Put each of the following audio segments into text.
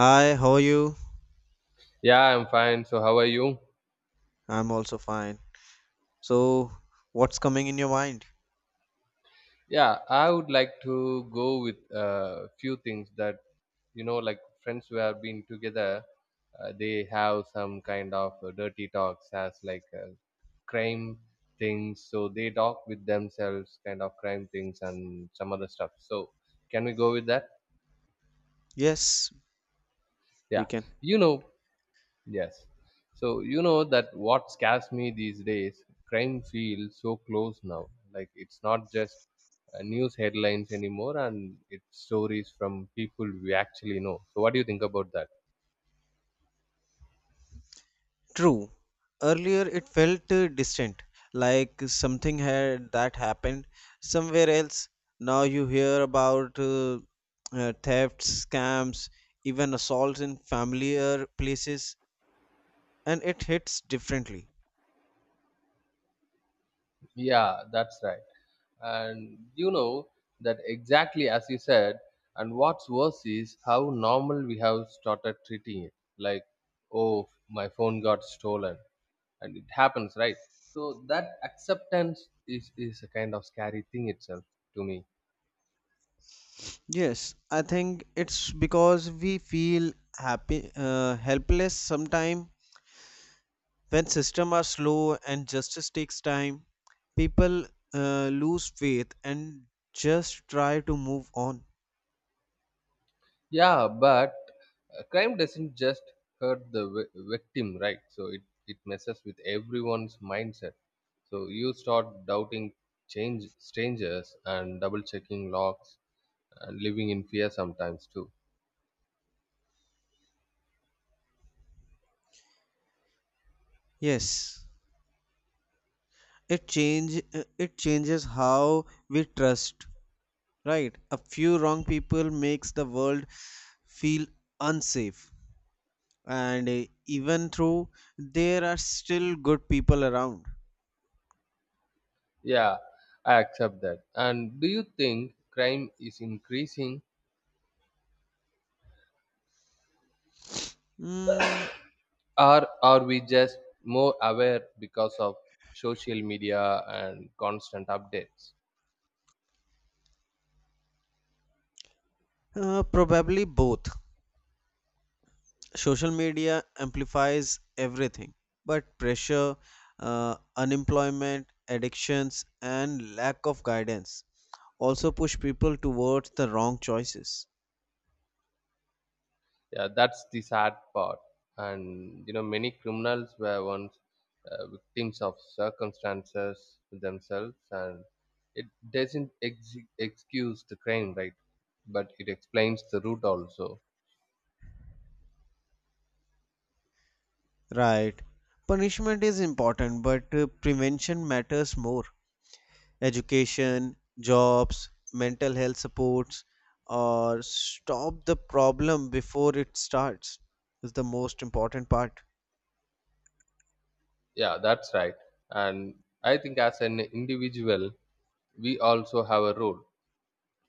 Hi, how are you? Yeah, I'm fine. So, how are you? I'm also fine. So, what's coming in your mind? Yeah, I would like to go with a few things that, like friends who have been together, they have some kind of dirty talks as like crime things. So, they talk with themselves, kind of crime things and some other stuff. So, can we go with that? Yes, we Yeah. can. You know. Yes. So you know that what scares me these days, crime feels so close now. Like it's not just news headlines anymore, and it's stories from people we actually know. So what do you think about that? True. Earlier it felt distant, like something had that happened somewhere else. Now you hear about thefts, scams, even assaults in familiar places, and it hits differently. Yeah, that's right. And you know that exactly as you said. And what's worse is how normal we have started treating it. Like, oh, my phone got stolen. And it happens, right? So that acceptance is a kind of scary thing itself to me. Yes, I think it's because we feel helpless sometimes when systems are slow and justice takes time people lose faith and just try to move on. Yeah, but crime doesn't just hurt the victim, right? So it messes with everyone's mindset. So you start doubting, change, strangers, and double checking locks, and living in fear sometimes too. Yes, it changes how we trust, right? A few wrong people makes the world feel unsafe, and even though there are still good people around. Yeah, I accept that. And do you think crime is increasing? mm, Or are we just more aware because of social media and constant updates? Probably both. Social media amplifies everything, but pressure, unemployment, addictions, and lack of guidance also push people towards the wrong choices. Yeah, that's the sad part. And you know, many criminals were once victims of circumstances themselves, and it doesn't excuse the crime, right? But it explains the root also. Right, punishment is important, but prevention matters more. Education, jobs, mental health supports, or stop the problem before it starts is the most important part. Yeah, that's right. And I think as an individual, we also have a role.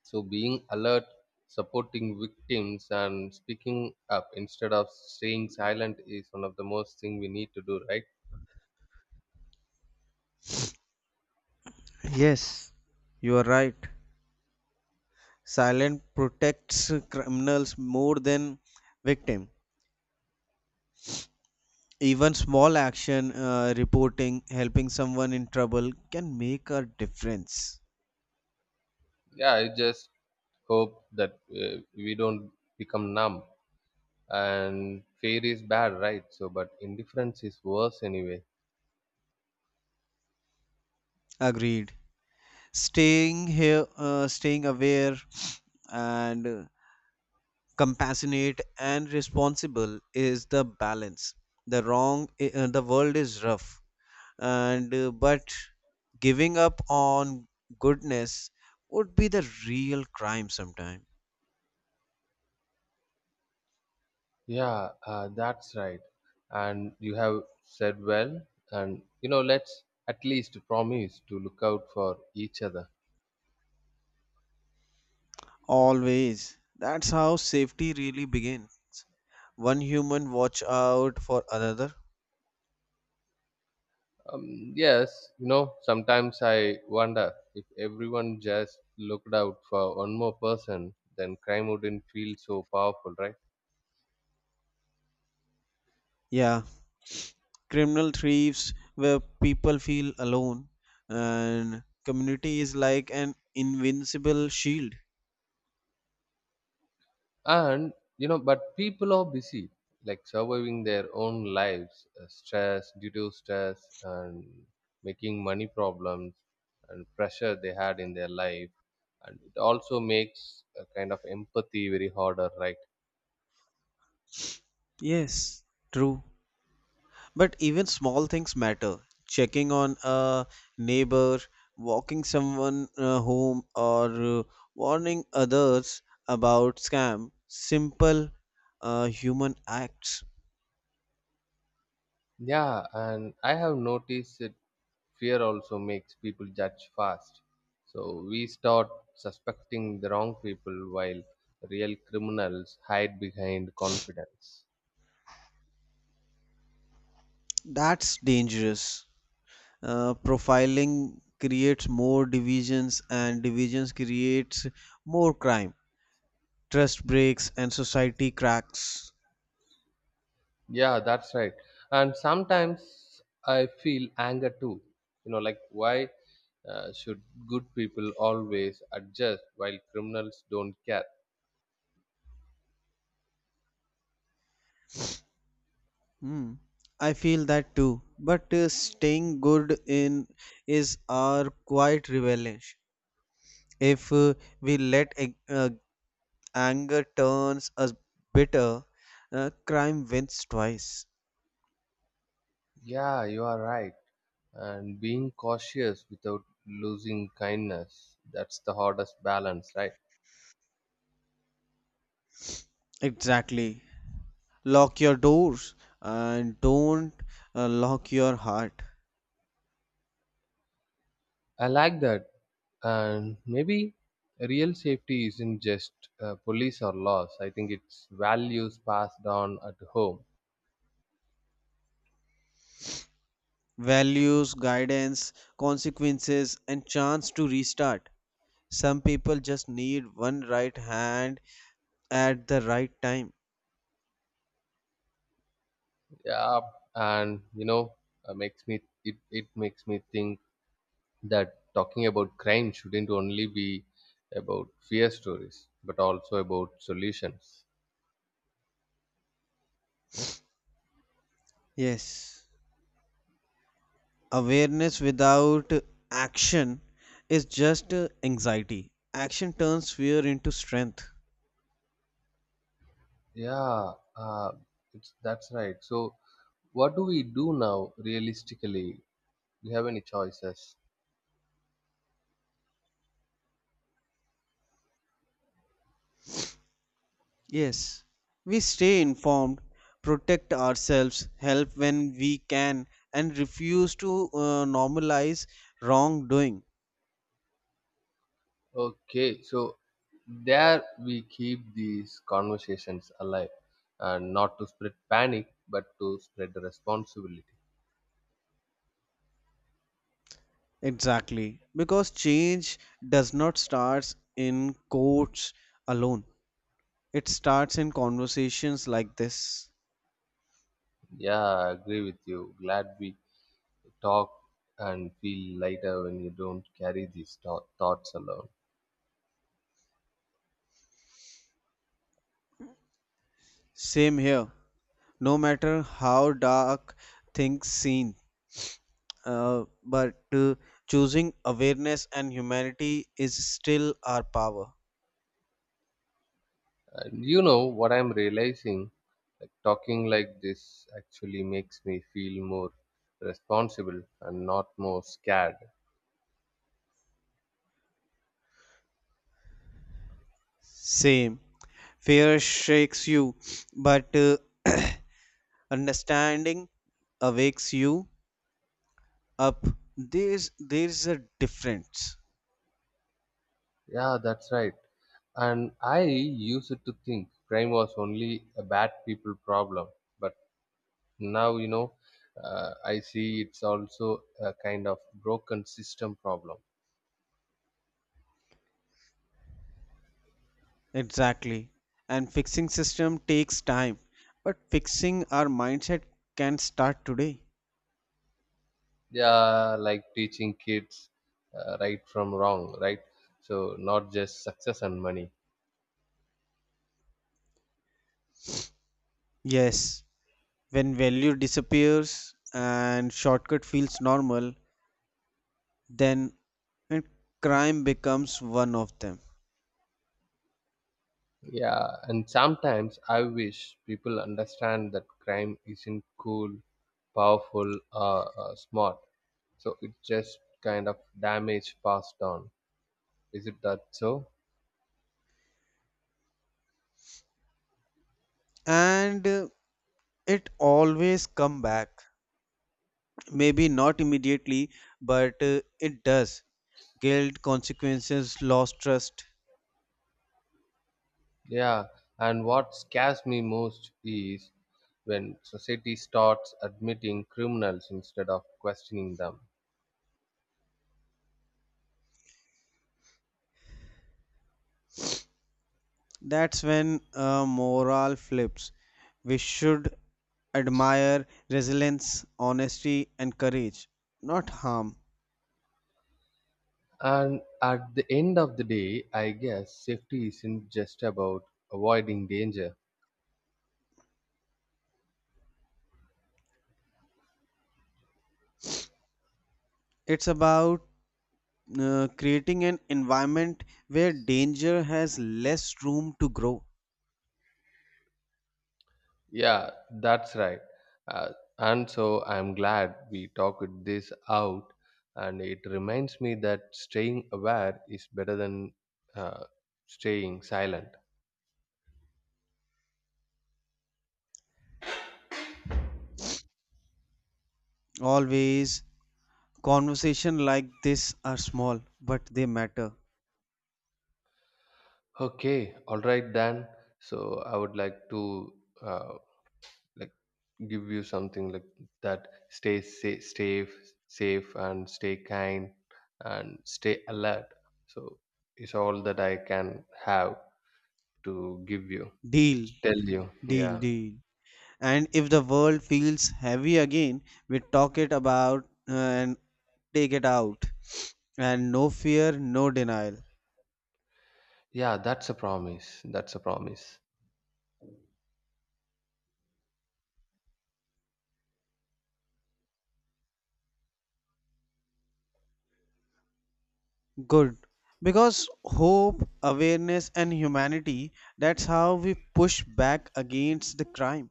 So being alert, supporting victims, and speaking up instead of staying silent is one of the most thing we need to do, right? Yes, you are right. Silence protects criminals more than victim. Even small action, reporting, helping someone in trouble, can make a difference. Yeah, I just hope that we don't become numb. And fear is bad, right? So, but indifference is worse anyway. Agreed. Staying aware, and compassionate and responsible is the balance. The world is rough, and but giving up on goodness would be the real crime sometime. Yeah, that's right. And you have said well. And you know, let's at least promise to look out for each other. Always. That's how safety really begins. One human watch out for another. Yes, sometimes I wonder if everyone just looked out for one more person, then crime wouldn't feel so powerful, right? Yeah, criminal thieves where people feel alone, and community is like an invincible shield. And, but people are busy, like surviving their own lives, stress, due to stress, and making money problems and pressure they had in their life. And it also makes a kind of empathy very harder, right? Yes, true. But even small things matter. Checking on a neighbor, walking someone home, or uh, warning others about scam. Simple human acts. Yeah, and I have noticed that fear also makes people judge fast. So we start suspecting the wrong people while real criminals hide behind confidence. That's dangerous. Profiling creates more divisions, and divisions creates more crime. Trust breaks, and society cracks. Yeah, that's right. And sometimes I feel anger too. You know, like why should good people always adjust while criminals don't care? Hmm. I feel that too. But staying good in is our quiet rebellion. If we let a- uh, Anger turns us bitter, crime wins twice. Yeah, you are right. And being cautious without losing kindness. That's the hardest balance, right? Exactly. Lock your doors, and don't lock your heart. I like that. And maybe real safety isn't just police or laws. I think it's values passed on at home. Values, guidance, consequences, and chance to restart. Some people just need one right hand at the right time. Yeah, and you know, it makes me think that talking about crime shouldn't only be about fear stories, but also about solutions. Yes, awareness without action is just anxiety. Action turns fear into strength. Yeah, it's that's right. So what do we do now realistically? We have any choices? Yes, we stay informed, protect ourselves, help when we can, and refuse to normalize wrongdoing. Okay, so there we keep these conversations alive, and not to spread panic but to spread the responsibility. Exactly, because change does not start in courts alone. It starts in conversations like this. Yeah, I agree with you. Glad we talk and feel lighter when you don't carry these thoughts alone. Same here. No matter how dark things seem, but choosing awareness and humanity is still our power. And you know what I'm realizing, like talking like this actually makes me feel more responsible and not more scared. Same. Fear shakes you, but understanding awakes you up. There's a difference. Yeah, that's right. And I used to think crime was only a bad people problem. But now, you know, I see it's also a kind of broken system problem. Exactly. And fixing system takes time, but fixing our mindset can start today. Yeah, like teaching kids right from wrong, right? So, not just success and money. Yes, when value disappears and shortcut feels normal, then and crime becomes one of them. Yeah, and sometimes I wish people understand that crime isn't cool, powerful, smart. So, it's just kind of damage passed on. Is it that so? And it always come back. Maybe not immediately, but it does. Guilt, consequences, lost trust. Yeah. And what scares me most is when society starts admitting criminals instead of questioning them. That's when a moral flips. We should admire resilience, honesty, and courage, not harm. And at the end of the day, I guess safety isn't just about avoiding danger. It's about creating an environment where danger has less room to grow. Yeah, that's right. Uh, and so I'm glad we talked this out, and it reminds me that staying aware is better than uh, staying silent. Always, conversation like this are small, but they matter. Okay, all right then. So I would like to uh, like give you something like that. Stay safe, safe, safe, and stay kind, and stay alert. So it's all that I can have to give you. Deal, To tell you, deal, yeah, deal. And if the world feels heavy again, we talk it about, and take it out, and no fear, no denial. yeah. That's a promise. That's a promise. Good, because hope, awareness, and humanity, that's how we push back against the crime.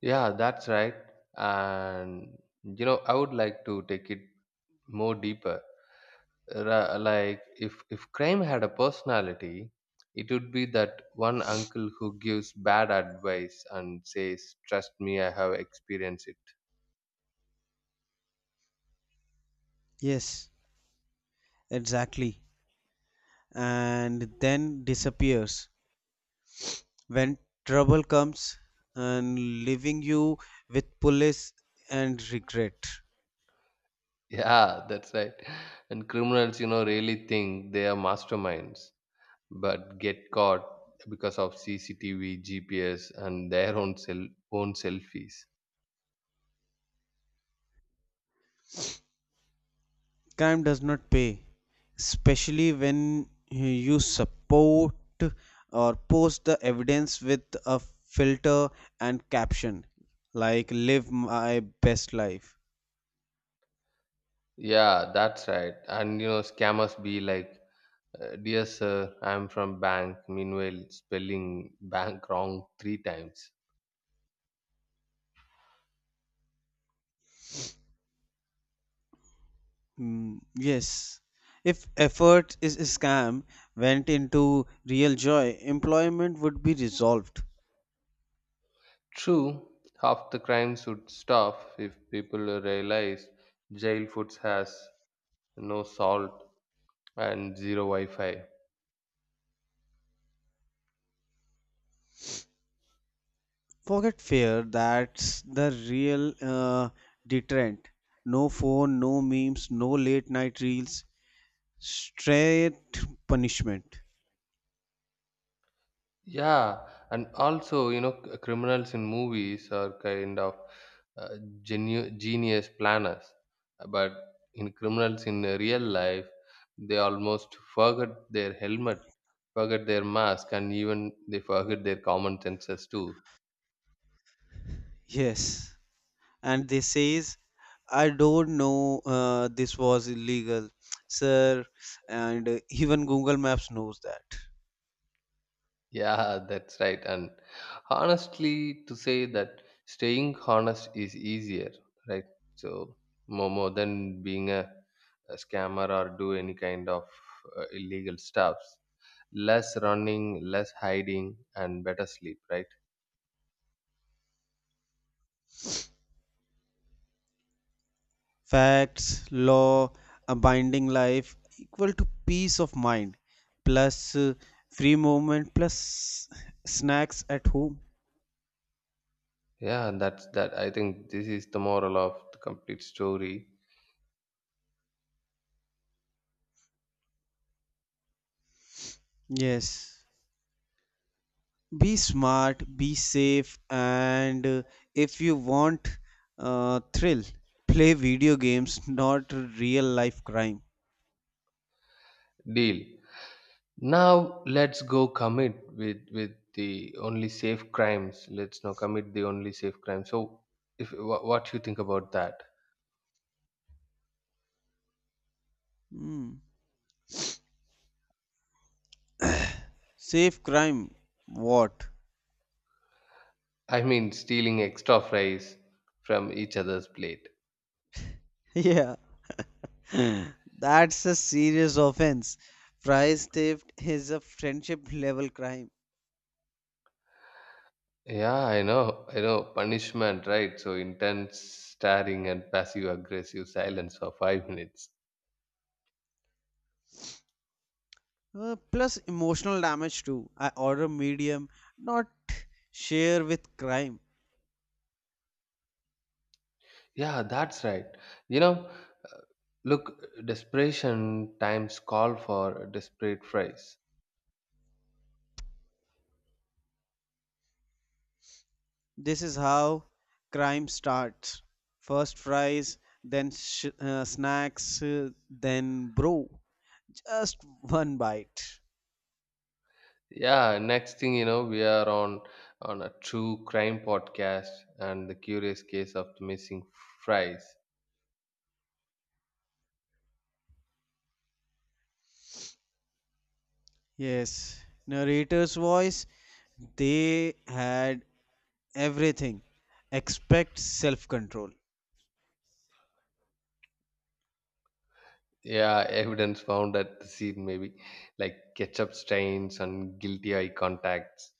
Yeah, that's right. And you know, I would like to take it more deeper, like if crime had a personality, it would be that one uncle who gives bad advice and says, trust me, I have experienced it. Yes, exactly. And then disappears when trouble comes, and leaving you with police and regret. Yeah, that's right. And criminals, really think they are masterminds, but get caught because of CCTV, GPS, and their own cell own selfies. Scam does not pay, especially when you support or post the evidence with a filter and caption like live my best life. Yeah, that's right. And scammers be like, dear sir, I'm from bank. Meanwhile, spelling bank wrong three times. Yes, if effort is a scam went into real joy, employment would be resolved. True, half the crimes would stop if people realize jail foods has no salt and zero Wi-Fi. Forget fear, that's the real deterrent. No phone, no memes, no late night reels. Straight punishment. Yeah, and also, criminals in movies are kind of uh, genius planners, but in criminals in real life, they almost forget their helmet, forget their mask, and even they forget their common senses too. Yes, and they says, I don't know, this was illegal, sir. And even Google Maps knows that. Yeah, that's right. And honestly, to say that staying honest is easier, right? So more than being a scammer or do any kind of illegal stuffs. Less running, less hiding, and better sleep, right? Facts, law, a binding life equal to peace of mind, plus free movement, plus snacks at home. Yeah, that's that. I think this is the moral of the complete story. Yes, be smart, be safe, and if you want thrill, play video games, not real life crime. Deal. Now let's go commit with the only safe crimes. Let's now commit the only safe crime. So, if what you think about that? Hmm. Safe crime, what? I mean, stealing extra fries from each other's plate. Yeah. That's a serious offense. Prize theft is a friendship level crime. Yeah, I know, I know. Punishment, right? So intense staring and passive aggressive silence for 5 minutes. Plus emotional damage too. I order medium, not share with crime. Yeah, that's right. You know, look, desperation times call for desperate fries. This is how crime starts. First fries, then snacks, then brew. Just one bite. Yeah, next thing you know, we are on a true crime podcast and the curious case of the missing fries. Yes, narrator's voice, they had everything except self control. Yeah, evidence found at the scene, maybe like ketchup stains and guilty eye contacts.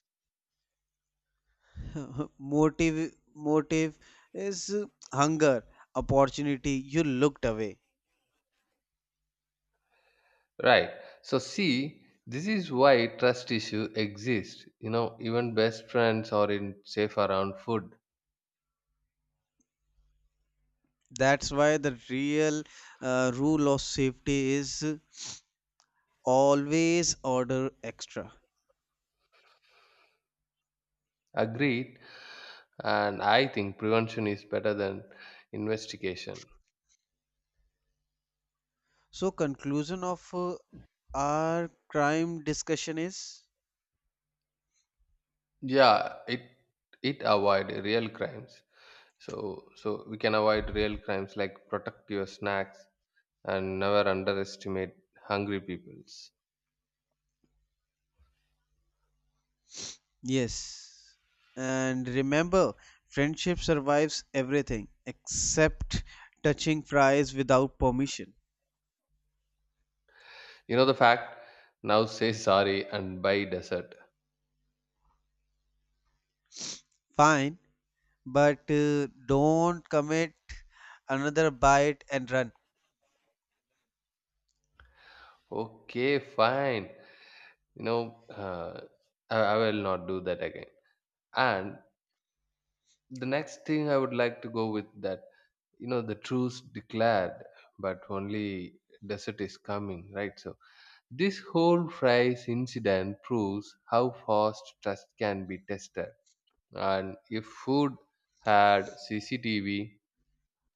Motive is hunger, opportunity. You looked away. Right. So see, this is why trust issue exists. You know, even best friends are in safe around food. That's why the real rule of safety is always order extra. Agreed. And I think prevention is better than investigation. So conclusion of our crime discussion is Yeah, it avoid real crimes. So we can avoid real crimes, like protect your snacks and never underestimate hungry peoples. yes. And remember, friendship survives everything except touching fries without permission. You know the fact? Now say sorry and buy dessert. Fine, but don't commit another bite and run. Okay, fine. You know, I will not do that again. And the next thing I would like to go with that, the truce declared, but only desert is coming, right? So this whole fries incident proves how fast trust can be tested, and if food had CCTV,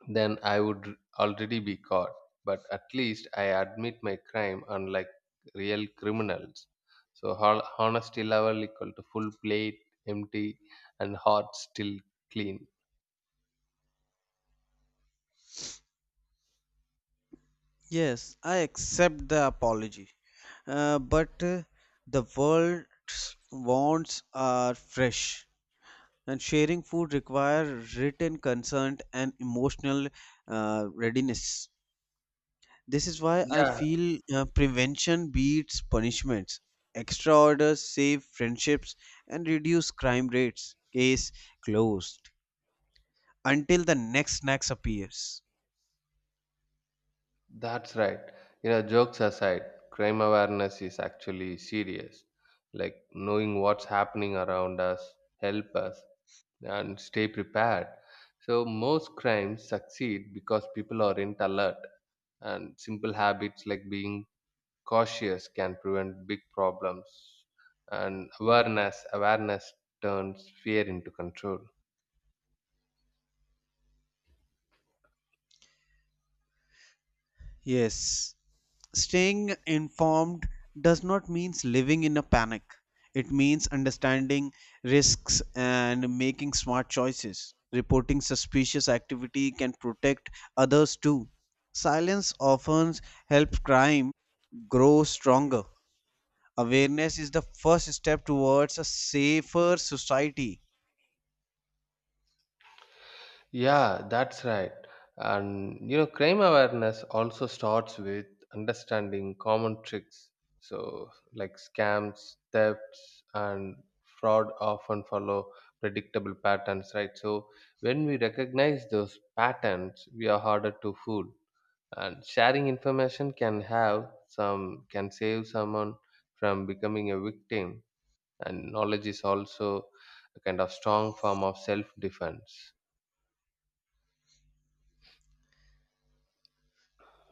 then I would already be caught. But at least I admit my crime, unlike real criminals. So honesty level equal to full plate empty, and heart still clean. Yes, I accept the apology. But The world's wants are fresh. And sharing food requires written consent and emotional readiness. This is why I Yeah, feel prevention beats punishments, extra orders save friendships and reduce crime rates. Case closed until the next snacks appears. that's right. Jokes aside, crime awareness is actually serious, like knowing what's happening around us, help us, and stay prepared. So most crimes succeed because people aren't alert, and simple habits like being cautious can prevent big problems. And awareness turns fear into control. Yes, staying informed does not mean living in a panic. It means understanding risks and making smart choices. Reporting suspicious activity can protect others too. Silence often helps crime grow stronger. Awareness is the first step towards a safer society. Yeah, that's right. And you know, crime awareness also starts with understanding common tricks. So, like scams, thefts, and fraud often follow predictable patterns, right? So, when we recognize those patterns, we are harder to fool. And sharing information can save someone from becoming a victim. And knowledge is also a kind of strong form of self defense.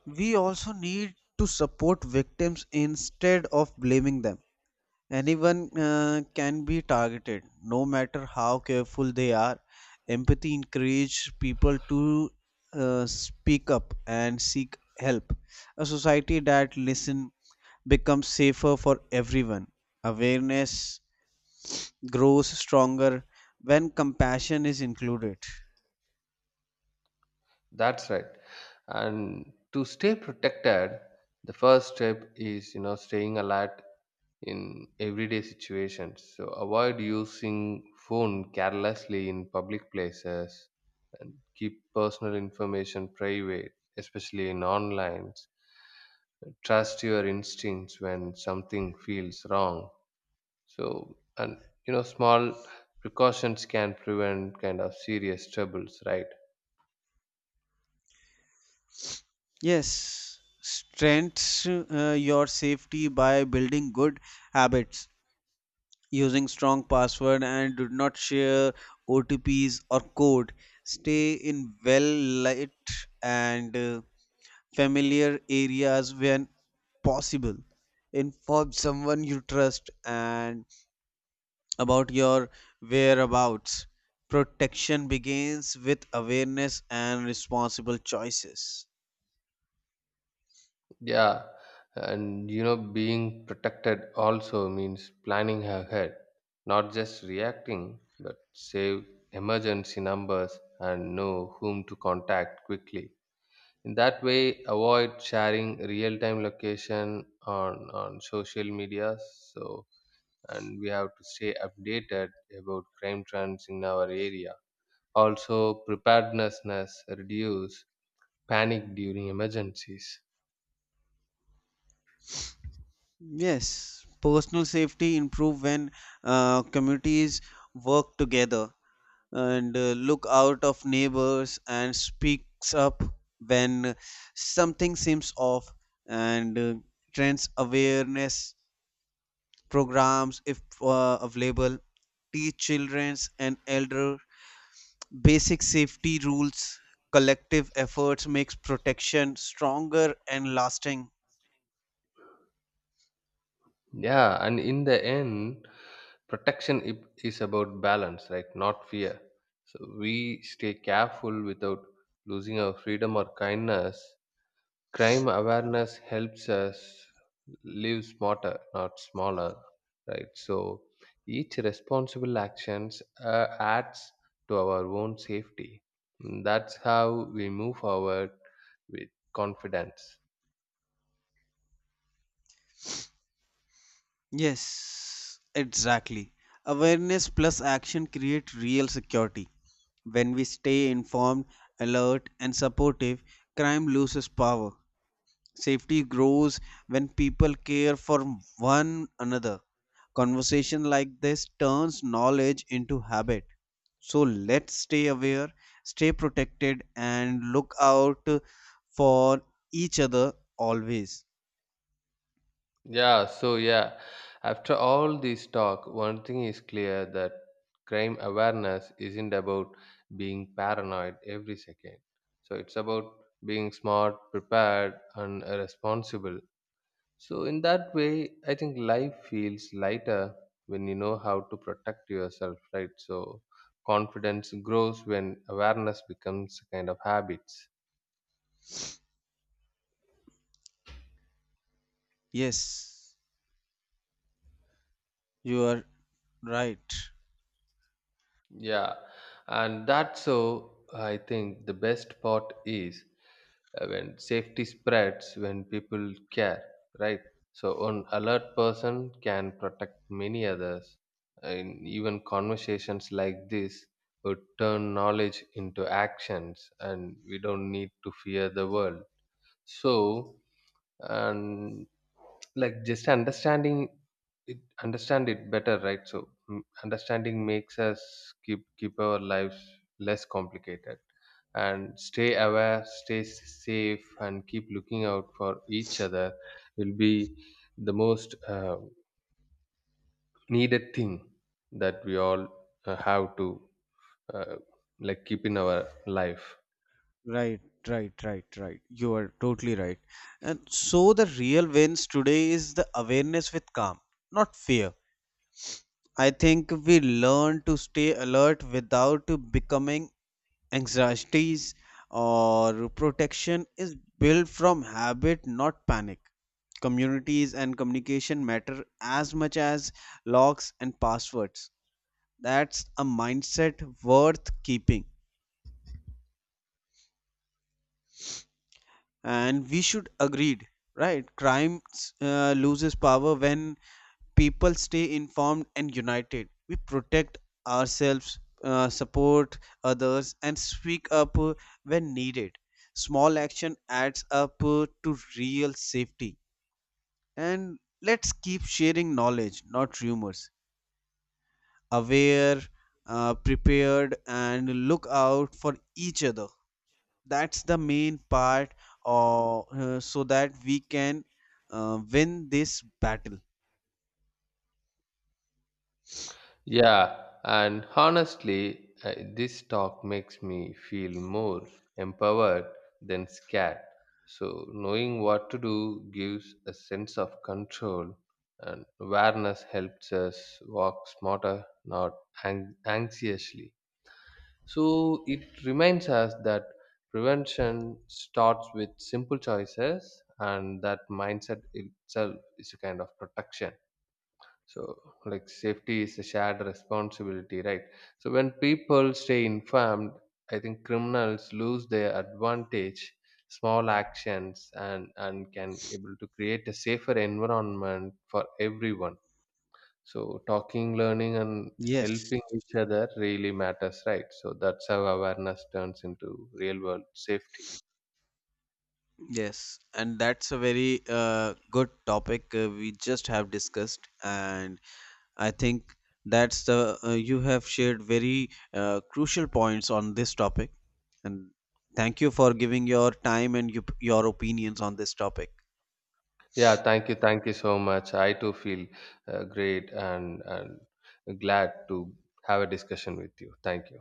We also need to support victims instead of blaming them. Anyone can be targeted, no matter how careful they are. Empathy encourages people to speak up and seek help. A society that listens becomes safer for everyone. Awareness grows stronger when compassion is included. That's right. And to stay protected, the first step is staying alert in everyday situations. So avoid using phone carelessly in public places and keep personal information private, especially in online. Trust your instincts when something feels wrong. So and small precautions can prevent kind of serious troubles, right? Yes, strengths your safety by building good habits, using strong password and do not share OTPs or code. Stay in well lit and familiar areas when possible. Inform someone you trust and about your whereabouts. Protection begins with awareness and responsible choices. Yeah, and being protected also means planning ahead, not just reacting, but save emergency numbers and know whom to contact quickly. In that way, avoid sharing real-time location on social media. So, and we have to stay updated about crime trends in our area. Also, preparedness reduce panic during emergencies. Yes, personal safety improve when communities work together and look out of neighbors and speaks up when something seems off, and trends awareness programs, if available, teach childrens and elder basic safety rules. Collective efforts makes protection stronger and lasting. Yeah, and in the end, protection is about balance, right, not fear. So we stay careful without losing our freedom or kindness. Crime awareness helps us live smarter, not smaller, right? So each responsible actions uh, adds to our own safety. And that's how we move forward with confidence. Yes, exactly. Awareness plus action create real security. When we stay informed, alert, and supportive, crime loses power. Safety grows when people care for one another. Conversation like this turns knowledge into habit. So let's stay aware, stay protected, and look out for each other always. Yeah, so yeah, after all this talk, one thing is clear that crime awareness isn't about being paranoid every second. So it's about being smart, prepared, and responsible. So, in that way, I think life feels lighter when you know how to protect yourself, right? So, confidence grows when awareness becomes a kind of habits. Yes, you are right. Yeah, and that's, so I think the best part is when safety spreads, when people care, right? So an alert person can protect many others, and even conversations like this would turn knowledge into actions, and we don't need to fear the world. So and like just it understand it better, right? So understanding makes us keep our lives less complicated. And stay aware, stay safe, and keep looking out for each other will be the most needed thing that we all have to uh, like keep in our life. Right, right, right, right. You are totally right. And so the real wins today is the awareness with calm, not fear. I think we learn to stay alert without becoming anxieties, or protection is built from habit, not panic. Communities and communication matter as much as locks and passwords. That's a mindset worth keeping. And we should agreed, right? Crime loses power when people stay informed and united. We protect ourselves, support others and speak up when needed. Small action adds up to real safety. And let's keep sharing knowledge, not rumors. Aware, prepared, and look out for each other, that's the main part. Or So that we can win this battle. Yeah, and honestly, this talk makes me feel more empowered than scared. So, knowing what to do gives a sense of control, and awareness helps us walk smarter, not anxiously. So, it reminds us that prevention starts with simple choices, and that mindset itself is a kind of protection. So, like safety is a shared responsibility, right? So, when people stay informed, I think criminals lose their advantage, small actions, and can able to create a safer environment for everyone. So, talking, learning, and Yes. helping each other really matters, right? So, that's how awareness turns into real world safety. Yes, and that's a very good topic we just have discussed. And I think that's the you have shared very crucial points on this topic. And thank you for giving your time and your opinions on this topic. Yeah, thank you so much. I too feel great and glad to have a discussion with you. Thank you.